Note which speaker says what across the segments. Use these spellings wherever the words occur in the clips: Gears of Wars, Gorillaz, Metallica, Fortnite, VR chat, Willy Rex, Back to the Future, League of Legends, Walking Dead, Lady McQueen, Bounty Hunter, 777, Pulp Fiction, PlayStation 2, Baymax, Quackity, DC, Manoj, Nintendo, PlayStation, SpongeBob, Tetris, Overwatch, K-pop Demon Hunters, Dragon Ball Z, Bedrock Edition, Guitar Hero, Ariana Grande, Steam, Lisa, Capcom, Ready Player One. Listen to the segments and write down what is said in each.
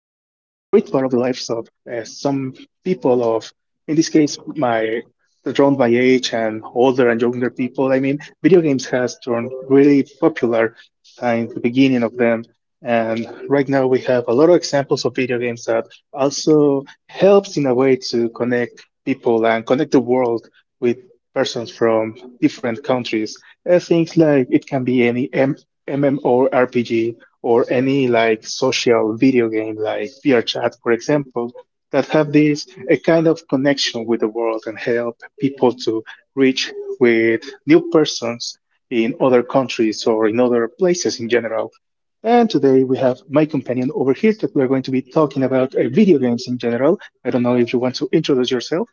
Speaker 1: part of the lives of some people of, in this case, my around my age and older and younger people. I mean, video games has turned really popular since the beginning of them, and right now we have a lot of examples of video games that also helps in a way to connect people and connect the world with persons from different countries. Things like it can be any MMORPG or any like social video game like VR chat, for example, that have this a kind of connection with the world and help people to reach with new persons in other countries or in other places in general. And today we have my companion over here that we are going to be talking about video games in general. I don't know if you want to introduce yourself.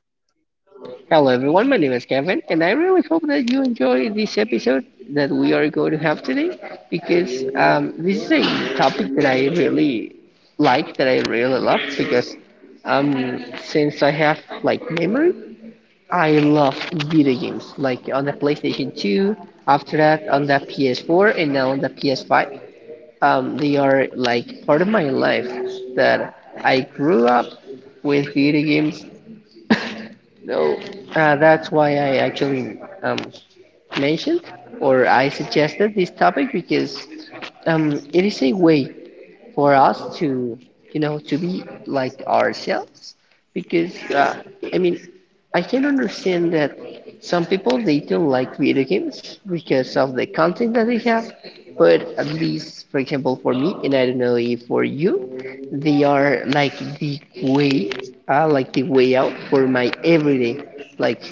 Speaker 2: Hello, everyone. My name is Kevin, and I really hope that you enjoy this episode that we are going to have today because this is a topic that I really like, that I really love because since I have like memory, I love video games, like on the PlayStation 2, after that on the PS4, and now on the PS5. They are like part of my life that I grew up with video games So that's why I actually mentioned or I suggested this topic because it is a way for us to to be like ourselves because I mean, I can understand that some people they don't like video games because of the content that they have, but at least for example for me, and I don't know if for you, they are like the way out for my everyday, like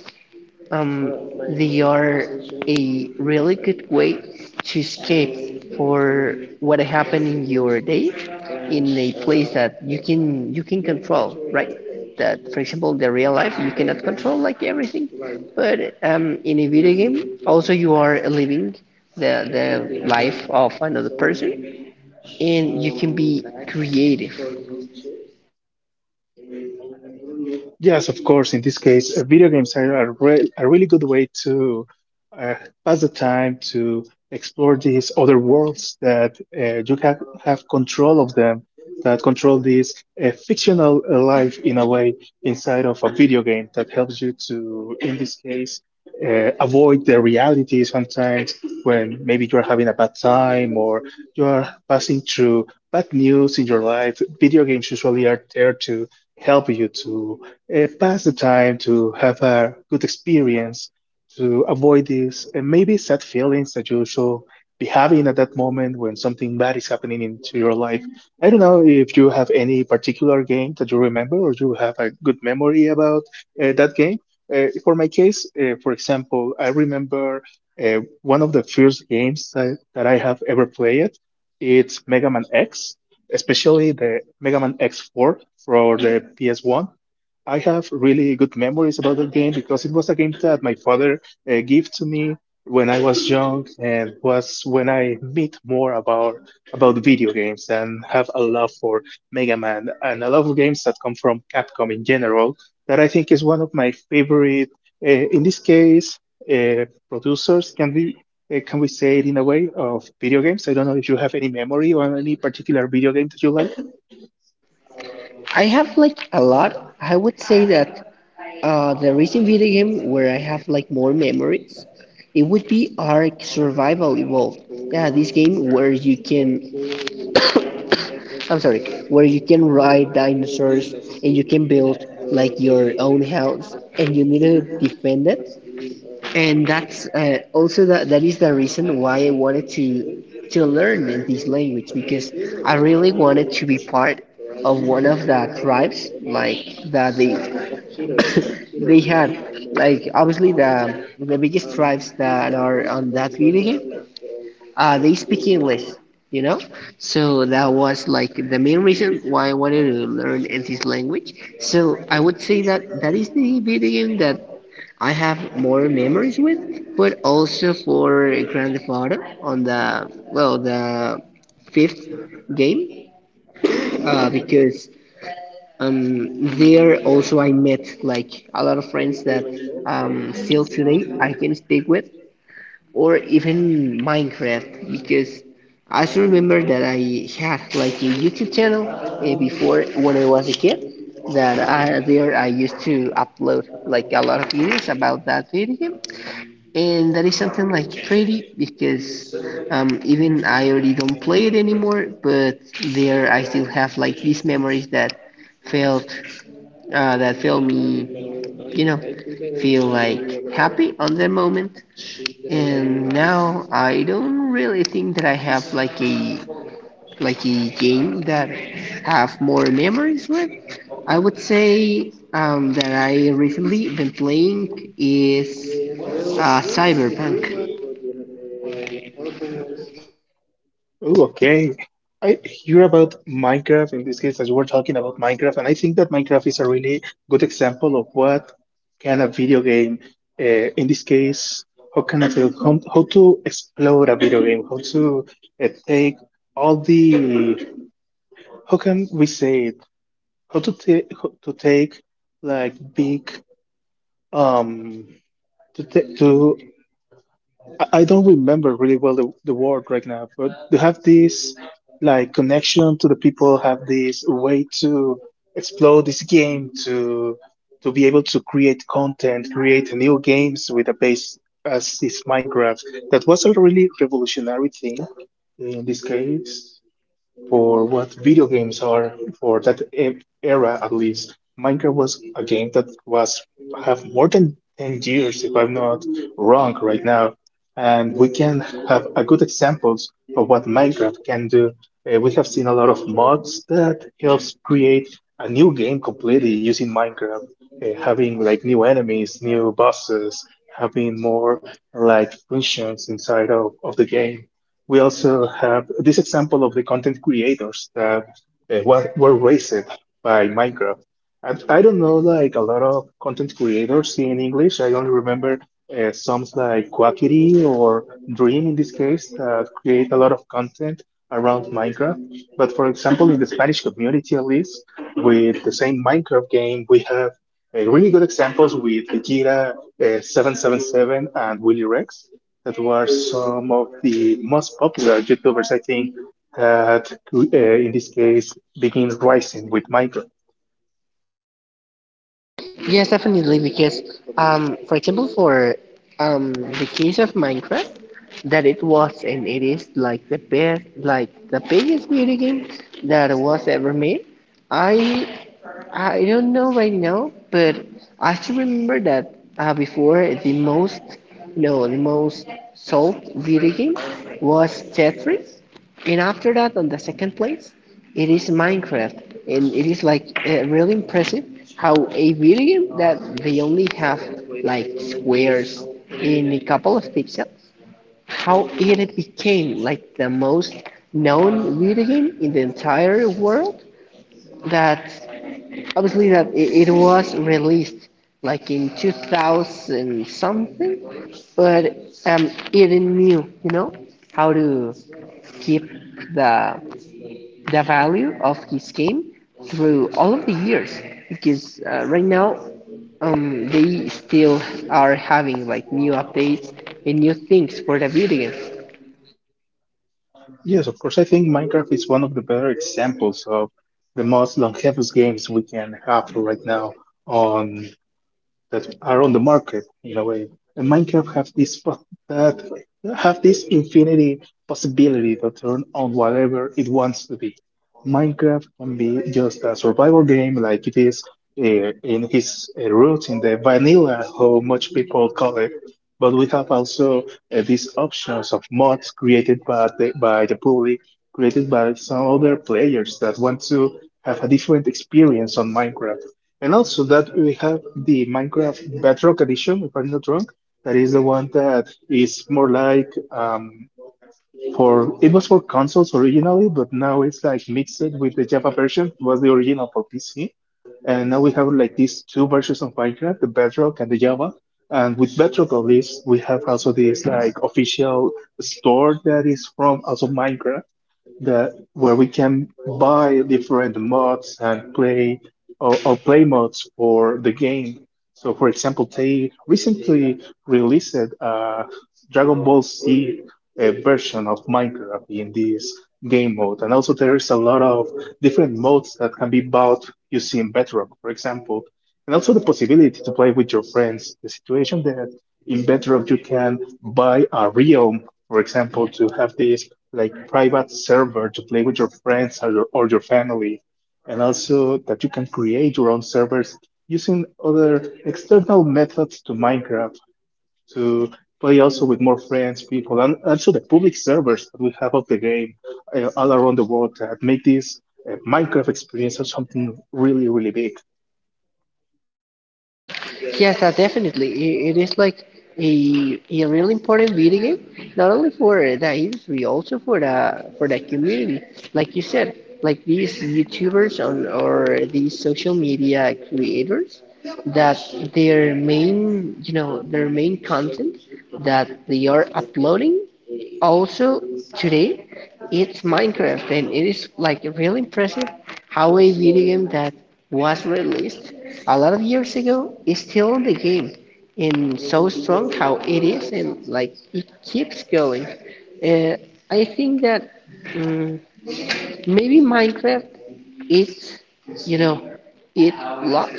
Speaker 2: um, they are a really good way to escape for what happened in your day in a place that you can control, right? That for example the real life you cannot control like everything, but in a video game also you are living the life of another person, and you can be creative.
Speaker 1: Yes, of course. In this case, video games are a really good way to uh, pass the time, to explore these other worlds that you have control of them, that control this fictional life in a way inside of a video game that helps you to, in this case, avoid the reality sometimes when maybe you're having a bad time or you are passing through bad news in your life. Video games usually are there to help you to it pass the time, to have a good experience, to avoid these and maybe sad feelings that you shall be having at that moment when something bad is happening into your life. I don't know if you have any particular game that you remember or you have a good memory about that game. For my case, for example, I remember one of the first games that I have ever played. It's Mega Man X, especially the Mega Man X4 for the PS1. I have really good memories about that game because it was a game that my father gave to me when I was young, and was when I meet more about video games and have a love for Mega Man and a lot of games that come from Capcom in general. That I think is one of my favorite. In this case, producers can be. Can we say it in a way of video games? I don't know if you have any memory or any particular video game that you like.
Speaker 2: I have like a lot. I would say that the recent video game where I have like more memories, it would be Ark Survival Evolved. Yeah, this game where you can, I'm sorry, where you can ride dinosaurs and you can build like your own house and you need to defend it. And that's also that is the reason why I wanted to learn in this language because I really wanted to be part of one of the tribes, like that they they had like obviously the biggest tribes that are on that video game. They speak English, you know, so that was like the main reason why I wanted to learn this language. So I would say that that is the video game that I have more memories with. But also for Grand Theft Auto on the, well, the fifth game, because there also I met like a lot of friends that still today I can speak with, or even Minecraft because I still remember that I had like a YouTube channel before when I was a kid. That there I used to upload like a lot of videos about that video game, and that is something like pretty, because even I already don't play it anymore, but there I still have like these memories that felt that feel me, you know, feel like happy on the moment. And now I don't really think that I have like a game that have more memories with. I would say that I recently been playing is Cyberpunk.
Speaker 1: Oh, okay. I hear about Minecraft in this case, as you were talking about Minecraft, and I think that Minecraft is a really good example of what can a video game, in this case, how can I feel, how to explode a video game, how to take all the, how can we say it, how to take like big, um, to take, to I don't remember really well the word right now, but to have this like connection to the people, have this way to explore this game to be able to create content, create new games with a base as is Minecraft. That was a really revolutionary thing in this case for what video games are for that era at least. Minecraft was a game that was have more than 10 years if I'm not wrong right now, and we can have a good examples of what Minecraft can do. We have seen a lot of mods that helps create a new game completely using Minecraft, having like new enemies, new bosses, having more like functions inside of the game. We also have this example of the content creators that were raised by Minecraft. And I don't know like a lot of content creators in English. I only remember some like Quackity or Dream in this case that create a lot of content around Minecraft. But for example, in the Spanish community at least, with the same Minecraft game, we have really good examples with Vegeta, 777, and Willy Rex that were some of the most popular YouTubers, I think, that in this case begin rising with Minecraft.
Speaker 2: Yes, definitely, because for example, for the case of Minecraft, that it was and it is like the best, like the biggest video game that was ever made. I I don't know right now, but I still remember that before the most, no, the most sold video game was Tetris, and after that, on the second place, it is Minecraft, and it is like really impressive how a video game that they only have like squares in a couple of pixels, how it became like the most known video game in the entire world. That obviously that it was released like in 2000 something, but it knew, you know, how to keep the the value of his game through all of the years, because right now they still are having like new updates and new things for the video game.
Speaker 1: Yes, of course, I think Minecraft is one of the better examples of the most longevous games we can have right now on that are on the market in a way. And Minecraft have this that have this infinity possibility to turn on whatever it wants to be. Minecraft can be just a survival game like it is uh, in its roots in the vanilla, how much people call it. But we have also these options of mods created by the public, created by some other players that want to have a different experience on Minecraft. And also that we have the Minecraft Bedrock Edition, if I'm not wrong. That is the one that is more like for it was for consoles originally, but now it's like mixed with the Java version. It was the original for PC, and now we have like these two versions of Minecraft, the Bedrock and the Java. And with Bedrock, at least, we have also this like official store that is from also Minecraft that where we can buy different mods and play or play mods for the game. So, for example, they recently released a Dragon Ball Z a version of Minecraft in this game mode, and also there is a lot of different modes that can be bought using Bedrock, for example, and also the possibility to play with your friends. The situation that in Bedrock you can buy a realm, for example, to have this like private server to play with your friends or or your family, and also that you can create your own servers using other external methods to Minecraft to play also with more friends, people, and also the public servers that we have of the game all around the world that make this Minecraft experience or something really, really big.
Speaker 2: Yes, definitely. It is like a really important video game, not only for the industry, also for the community. Like you said, like these YouTubers on, or these social media creators, that their main, you know, their main content that they are uploading also today, it's Minecraft, and it is like really impressive how a video game that was released a lot of years ago is still in the game, and so strong how it is, and like it keeps going. uh, I think that mm maybe Minecraft is, you know, it lost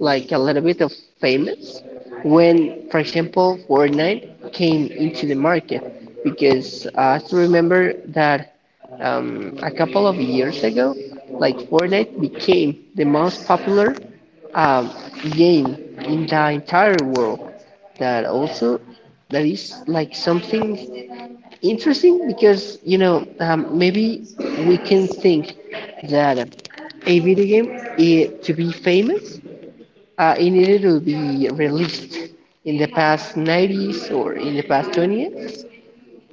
Speaker 2: like a little bit of famous when, for example, Fortnite came into the market, because I still remember that a couple of years ago, like Fortnite became the most popular um, game in the entire world. That also, that is like something interesting, because, you know, maybe we can think that a video game, to be famous, it needed to be released in the past '90s or in the past 20.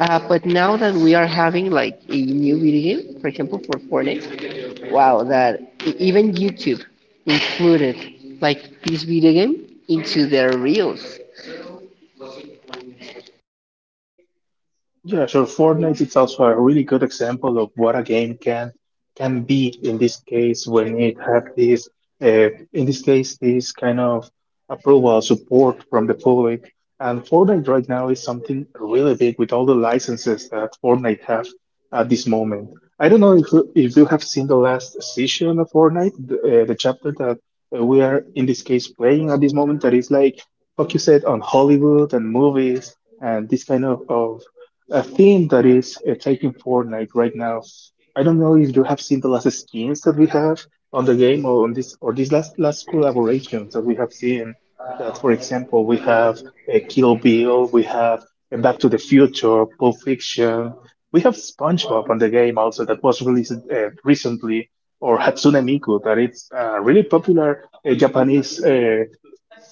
Speaker 2: But now that we are having like a new video game, for example, for Fortnite, wow, that even YouTube included like this video game into their reels.
Speaker 1: Yeah, so Fortnite is also a really good example of what a game can be in this case when it have this in this case this kind of approval support from the public. And Fortnite right now is something really big with all the licenses that Fortnite have at this moment. I don't know if you have seen the last season of Fortnite, the chapter that we are in this case playing at this moment that is like focused on Hollywood and movies and this kind of a theme that is taking Fortnite right now. I don't know if you have seen the last skins that we have on the game or on this or these last last collaborations that we have seen. That, for example, we have a Kill Bill, we have a Back to the Future, Pulp Fiction, we have SpongeBob on the game also that was released recently, or Hatsune Miku that it's a really popular Japanese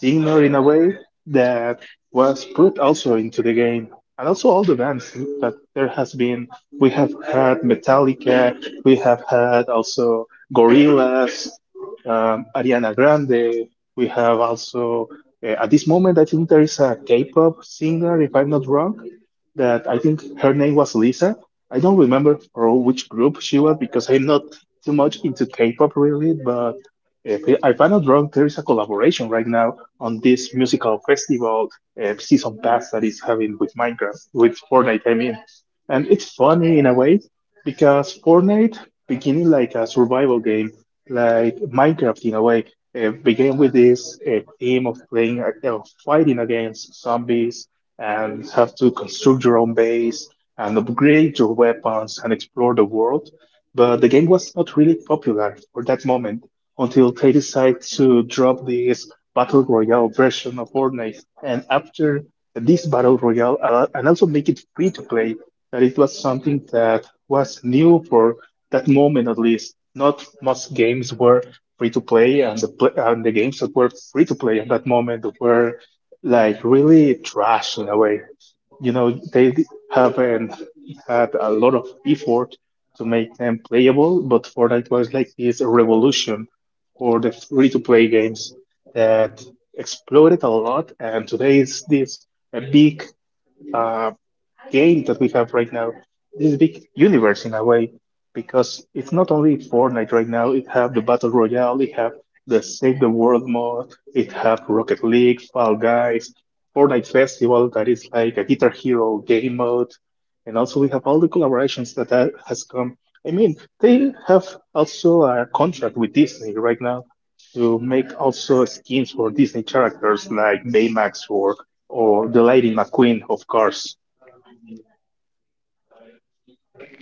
Speaker 1: Ignore in a way that was put also into the game. And also all the bands that there has been. We have had Metallica, we have had also Gorillaz, Ariana Grande. We have also, at this moment, I think there is a K pop singer, if I'm not wrong, that I think her name was Lisa. I don't remember for which group she was because I'm not too much into K pop really, but if I'm not wrong, there is a collaboration right now on this musical festival season pass that is having with Minecraft, with Fortnite, I mean. And it's funny in a way because Fortnite beginning like a survival game, like Minecraft in a way, began with this theme of playing, of fighting against zombies and have to construct your own base and upgrade your weapons and explore the world. But the game was not really popular for that moment until they decided to drop this battle royale version of Fortnite. And after this battle royale, and also make it free to play, that it was something that was new for that moment at least. Not most games were free to play, and the and the games that were free to play at that moment were like really trash in a way. You know, they haven't had a lot of effort to make them playable, but Fortnite was like this revolution for the free to play games that exploded a lot, and today is this a big uh, game that we have right now. This big universe in a way, because it's not only Fortnite right now. It have the battle royale. It have the Save the World mode. It have Rocket League, Fall Guys, Fortnite Festival that is like a Guitar Hero game mode, and also we have all the collaborations that has come. I mean, they have also a contract with Disney right now to make also skins for Disney characters like Baymax or the Lady McQueen, of course.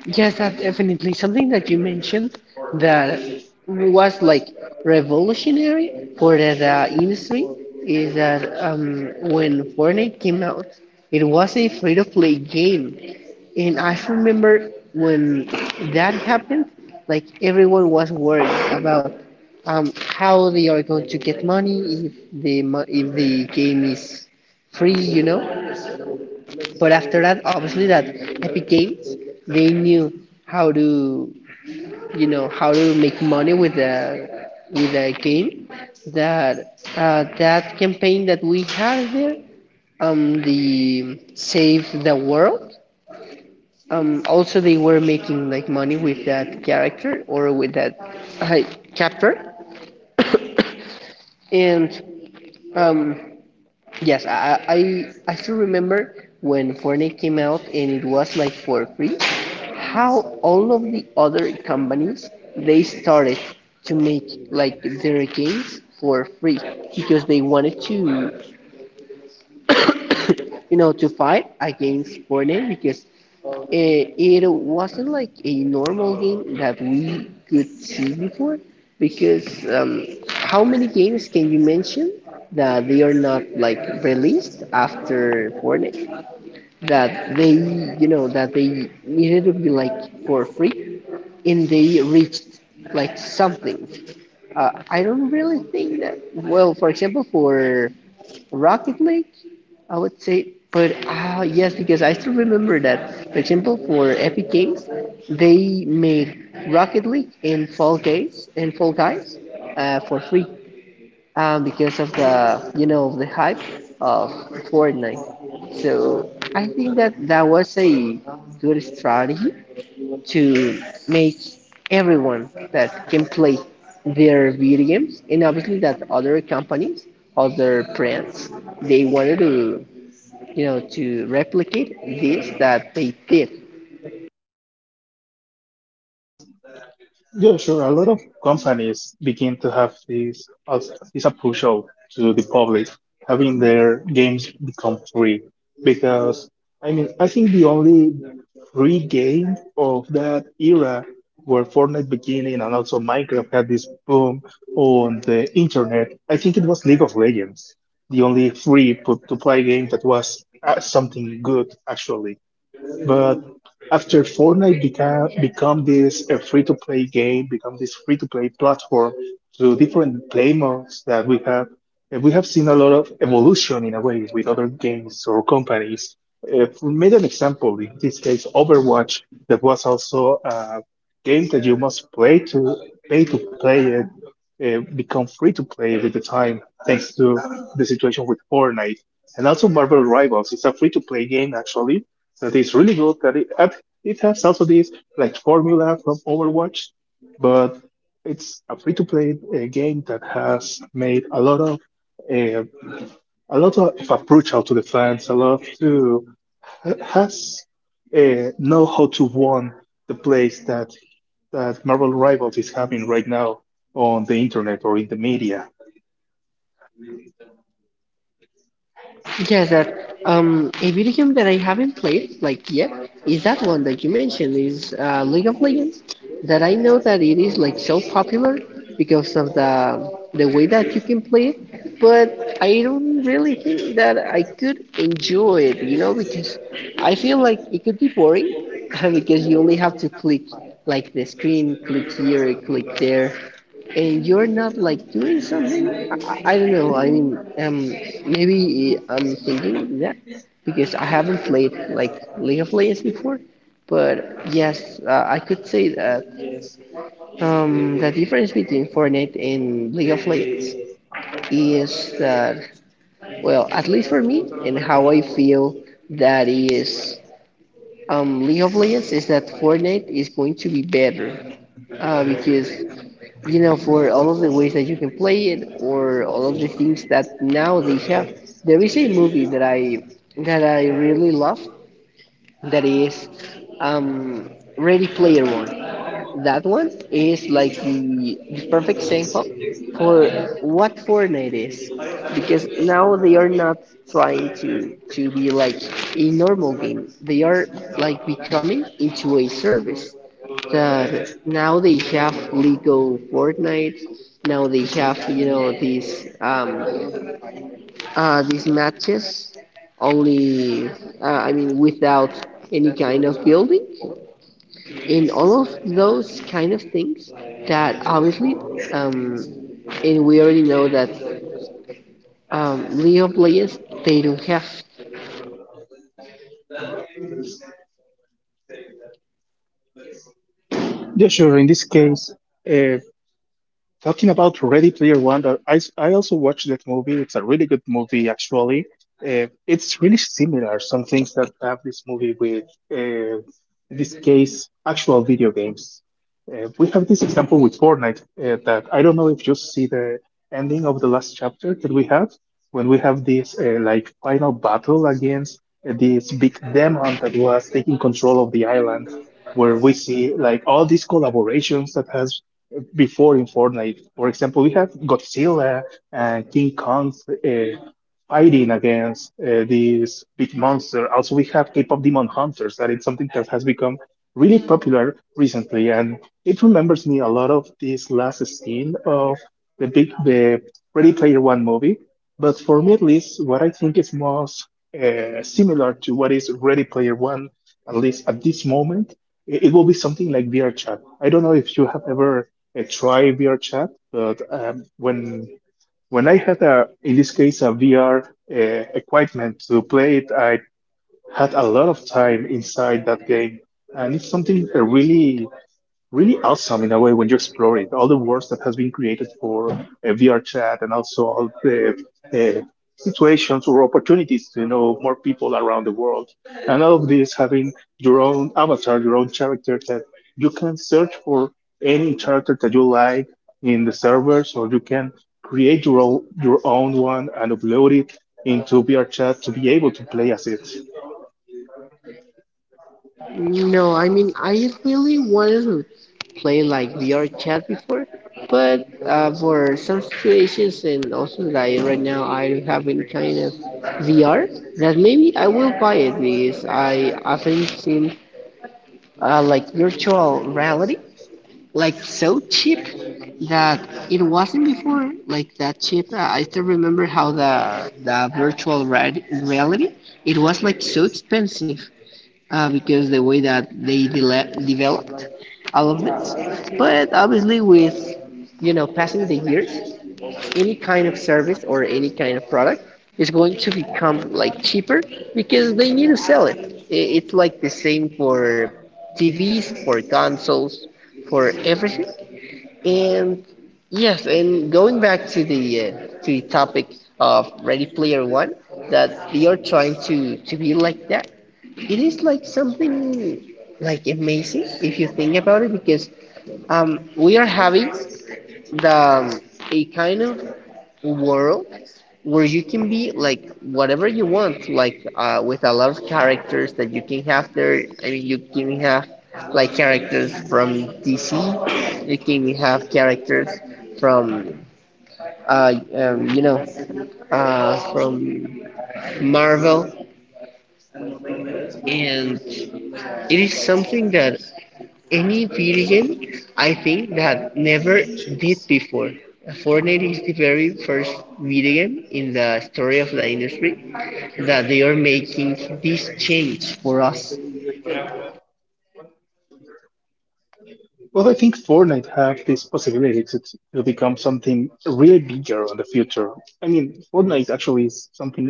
Speaker 2: Yes, that definitely. Something that you mentioned that was like revolutionary for the industry is that when Fortnite came out, it was a free-to-play game. And I remember when that happened, like everyone was worried about how they are going to get money if if the game is free, you know. But after that, obviously, that Epic Games, they knew how to, you know, how to make money with the game. That that campaign that we had there, the Save the World. Also, they were making like money with that character or with that uh, chapter, and um, yes, I still remember when Fortnite came out and it was like for free. How all of the other companies they started to make like their games for free because they wanted to you know, to fight against Fortnite, because it wasn't like a normal game that we could see before. Because how many games can you mention that they are not like released after Fortnite? That they, you know, that they needed to be like for free, and they reached like something. I don't really think that. Well, for example, for Rocket League, I would say, but ah yes, because I still remember that. For example, for Epic Games, they made Rocket League and Fall Guys for free, because of the, you know, the hype of Fortnite. So I think that that was a good strategy to make everyone that can play their video games, and obviously that other companies, other brands, they wanted to, you know, to replicate this that they did.
Speaker 1: Yeah, sure. A lot of companies begin to have this as this approach to the public, having their games become free. Because I mean, I think the only free game of that era where Fortnite beginning and also Minecraft had this boom on the internet, I think it was League of Legends, the only free put to play game that was something good actually. But after Fortnite became become this a free to play game, become this free to play platform to different play modes that we have, and we have seen a lot of evolution in a way with other games or companies. If we made an example, in this case, Overwatch, that was also a game that you must play to pay to play it, become free to play with the time, thanks to the situation with Fortnite. And also Marvel Rivals. It's a free to play game actually, that is really good. That it, and it has also this like formula from Overwatch, but it's a free-to-play game that has made uh, a lot of approach out to the fans. A lot to has know how to won the place that that Marvel Rivals is having right now on the internet or in the media.
Speaker 2: Yeah, that, a video game that I haven't played like yet is that one that you mentioned is League of Legends. That I know that it is like so popular because of the way that you can play it, but I don't really think that I could enjoy it, you know, because I feel like it could be boring because you only have to click like the screen, click here, click there, and you're not like doing something. I don't know. I mean, maybe I'm thinking that because I haven't played like League of Legends before, but yes, I could say that the difference between Fortnite and League of Legends is that, well, at least for me and how I feel, that is League of Legends, is that Fortnite is going to be better, because, you know, for all of the ways that you can play it or all of the things that now they have. There is a movie that I really love, that is um, Ready Player One. That one is like the perfect example for what Fortnite is, because now they are not trying to be like a normal game. They are like becoming into a service, that now they have legal Fortnite. Now they have, you know, these matches only, I mean, without any kind of building, in all of those kind of things, that obviously um, and we already know that League of Legends, they don't have.
Speaker 1: Yeah, sure. In this case, uh, Talking about Ready Player One, that I also watched that movie. It's a really good movie, actually. It's really similar. Some things that have this movie with, uh, in this case, actual video games. We have this example with Fortnite that I don't know if you see the ending of the last chapter that we have when we have this like final battle against this big demon that was taking control of the island, where we see like all these collaborations that has before in Fortnite. For example, we have Godzilla and King Kong uh, fighting against these big monster. Also, we have K-pop Demon Hunters, that it's something that has become really popular recently, and it remembers me a lot of this last scene of the Ready Player One movie. But for me, at least, what I think is most similar to what is Ready Player One, at least at this moment, it will be something like VR chat. I don't know if you have ever try VR chat, but when I had a in this case a VR equipment to play it, I had a lot of time inside that game, and it's something really awesome in a way when you explore it. All the words that has been created for VR chat and also all the uh, situations or opportunities to know more people around the world. And all of this having your own avatar, your own character that you can search for any character that you like in the servers, or you can create your own one and upload it into VR chat to be able to play as it.
Speaker 2: No, I mean, I really wanted to play like VR chat before, but for some situations, and also like right now I don't have any kind of VR, that maybe I will buy it because I haven't seen like virtual reality like so cheap, that it wasn't before like that cheap. I still remember how the virtual re reality, it was like so expensive, because the way that they de developed all of this. But obviously, with, you know, passing the years, any kind of service or any kind of product is going to become like cheaper because they need to sell it. It's like the same for TVs, for consoles, for everything. And yes, and going back to the topic of Ready Player One, that they are trying to be like that, it is like something like amazing if you think about it because we are having the a kind of world where you can be like whatever you want, like with a lot of characters that you can have there. I mean, you can have like characters from DC, you can have characters from uh, um, you know from Marvel. And it is something that any video game, I think, that never did before. Fortnite is the very first video game in the story of the industry that they are making this change for us.
Speaker 1: Well, I think Fortnite have this possibility to become something really bigger in the future. I mean, Fortnite actually is something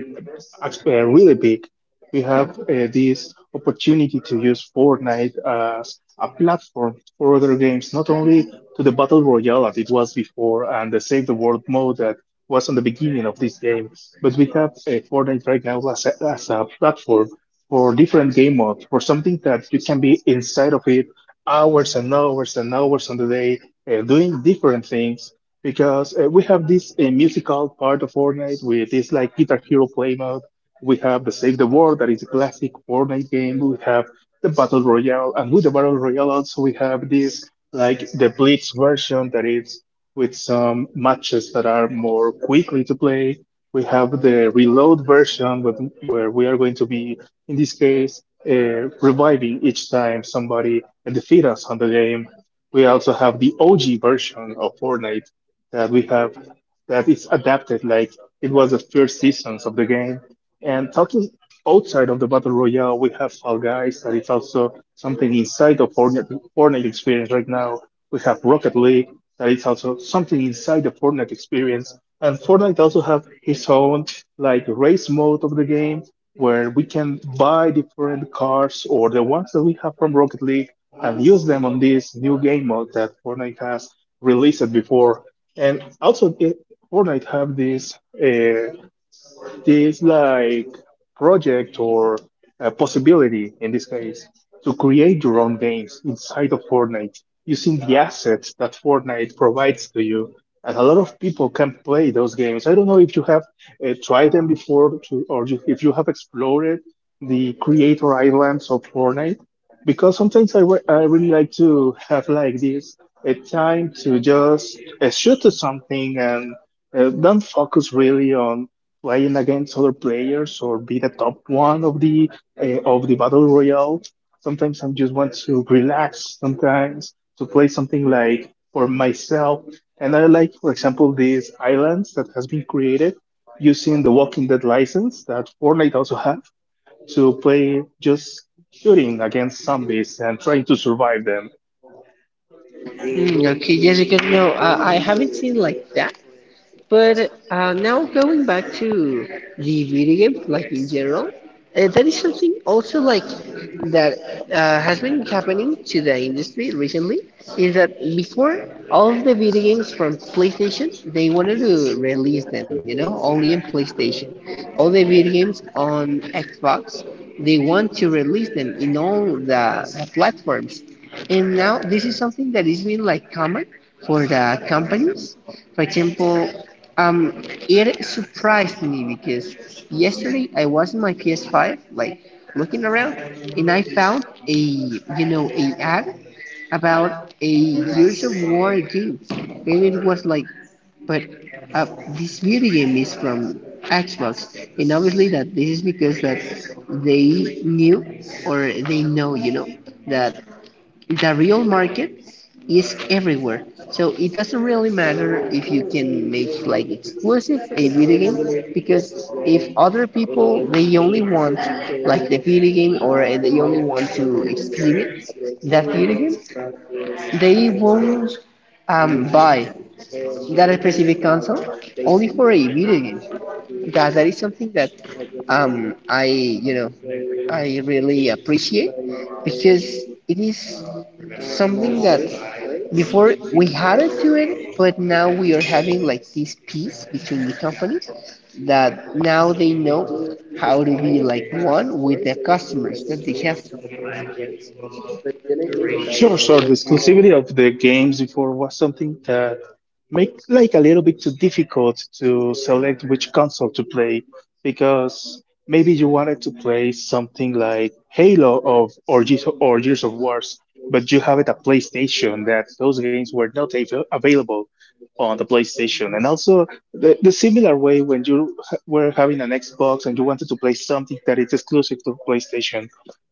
Speaker 1: really big. We have this opportunity to use Fortnite as a platform for other games, not only to the Battle Royale as it was before and the Save the World mode that was on the beginning of this game, but we have Fortnite right now as a platform for different game modes, for something that you can be inside of it hours and hours and hours on the day doing different things because we have this musical part of Fortnite with this like Guitar Hero play mode. We have the Save the World that is a classic Fortnite game. We have the Battle Royale, and with the Battle Royale also we have this like the Blitz version that is with some matches that are more quickly to play. We have the Reload version with, where we are going to be in this case, reviving each time somebody defeats us on the game. We also have the OG version of Fortnite that we have that is adapted like it was the first seasons of the game. And totally outside of the battle royale, we have Fall Guys that is also something inside the Fortnite experience right now. We have Rocket League that is also something inside the Fortnite experience. And Fortnite also have his own like race mode of the game where we can buy different cars or the ones that we have from Rocket League and use them on this new game mode that Fortnite has released before. And also, Fortnite have this. uh, this like project or a possibility in this case to create your own games inside of Fortnite using the assets that Fortnite provides to you. And a lot of people can play those games. I don't know if you have tried them before to, or you, if you have explored the creator islands of Fortnite, because sometimes I really like to have like this a time to just shoot to something and don't focus really on playing against other players or be the top one of the battle royale. Sometimes I just want to relax. Sometimes to play something like for myself. And I like, for example, these islands that has been created using the Walking Dead license that Fortnite also have to play just shooting against zombies and trying to survive them.
Speaker 2: Mm, okay, Jessica, no, I haven't seen like that. But now going back to the video games, like in general, that is something also like that has been happening to the industry recently. Is that before all of the video games from PlayStation, they wanted to release them, you know, only in PlayStation. All the video games on Xbox, they want to release them in all the platforms. And now this is something that is being like common for the companies. For example, um, it surprised me because yesterday I was in my PS5, like looking around, and I found a you know a ad about a Gears of War game, and it was like, but this video game is from Xbox, and obviously that this is because that they knew or they know, you know, that the real market is everywhere. So it doesn't really matter if you can make like exclusive a video game, because if other people, they only want like the video game, or they only want to experience that video game, they won't buy that specific console only for a video game. That is something that I, I really appreciate, because it is something that before we had it to it, but now we are having like this peace between the companies, that now they know how to be like one with the customers that they have.
Speaker 1: Sure, sure. The exclusivity of the games before was something that make like a little bit too difficult to select which console to play because maybe you wanted to play something like Halo of or Gears of Wars, but you have it at PlayStation that those games were not available on the PlayStation. And also the similar way when you were having an Xbox and you wanted to play something that is exclusive to PlayStation,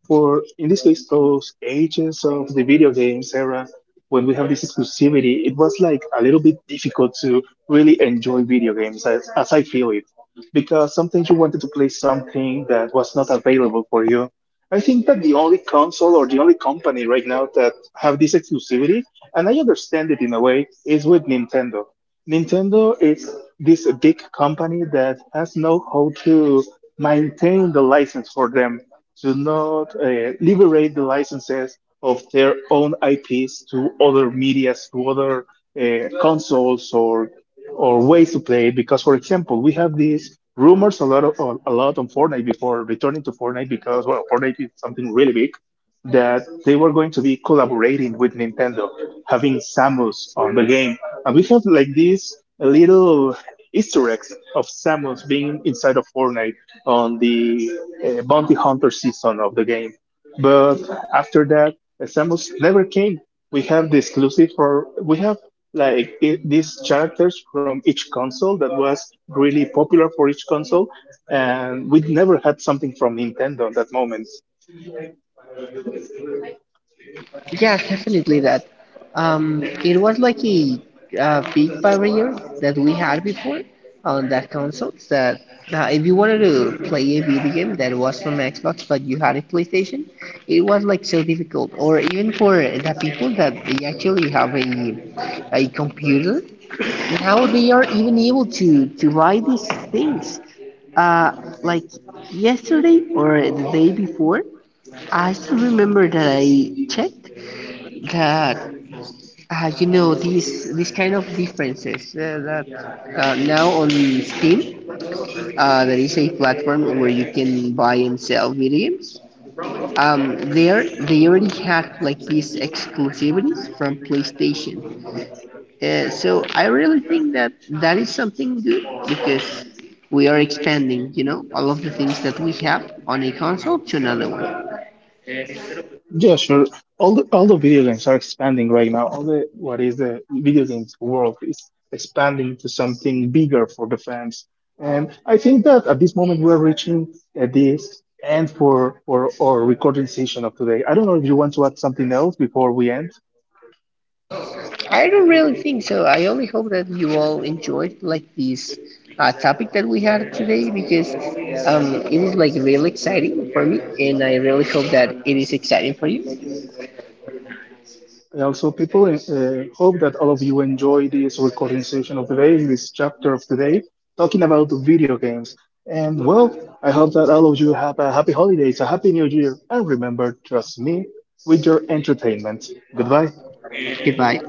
Speaker 1: for in this case those agents of the video games era when we have this exclusivity it was like a little bit difficult to really enjoy video games as I feel it because sometimes you wanted to play something that was not available for you. I think that the only console or the only company right now that have this exclusivity and I understand it in a way is with Nintendo. Nintendo is this big company that has know how to maintain the license for them to not liberate the licenses of their own IPs to other medias, to other consoles or ways to play. Because, for example, we have these rumors a lot on Fortnite before returning to Fortnite because well, Fortnite is something really big that they were going to be collaborating with Nintendo, having Samus on the game. And we have like these little Easter eggs of Samus being inside of Fortnite on the Bounty Hunter season of the game. But after that, Samus never came. We have the exclusive for, we have like I these characters from each console that was really popular for each console. And we never had something from Nintendo at that moment.
Speaker 2: Yeah, definitely that. It was like a, big barrier that we had before on that console. That if you wanted to play a video game that was from Xbox but you had a PlayStation, it was like so difficult. Or even for the people that they actually have a computer, now they are even able to buy these things. Uh, like yesterday or the day before, I still remember that I checked that these kind of differences, that now on Steam, there is a platform where you can buy and sell video games. There they already had like these exclusivities from PlayStation. So I really think that that is something good because we are expanding, you know, all of the things that we have on a console to another one.
Speaker 1: Yeah, sure. All the video games are expanding right now. All the what is the video games world is expanding to something bigger for the fans. And I think that at this moment we're reaching this end for our recording session of today. I don't know if you want to add something else before we end.
Speaker 2: I don't really think so. I only hope that you all enjoyed like this topic that we had today, because it is like really exciting for me, and I really hope that it is exciting for you.
Speaker 1: Also, people hope that all of you enjoy this recording session of today, this chapter of today, talking about video games. And well, I hope that all of you have a happy holidays, a happy new year, and remember, trust me with your entertainment. Goodbye.
Speaker 2: Goodbye.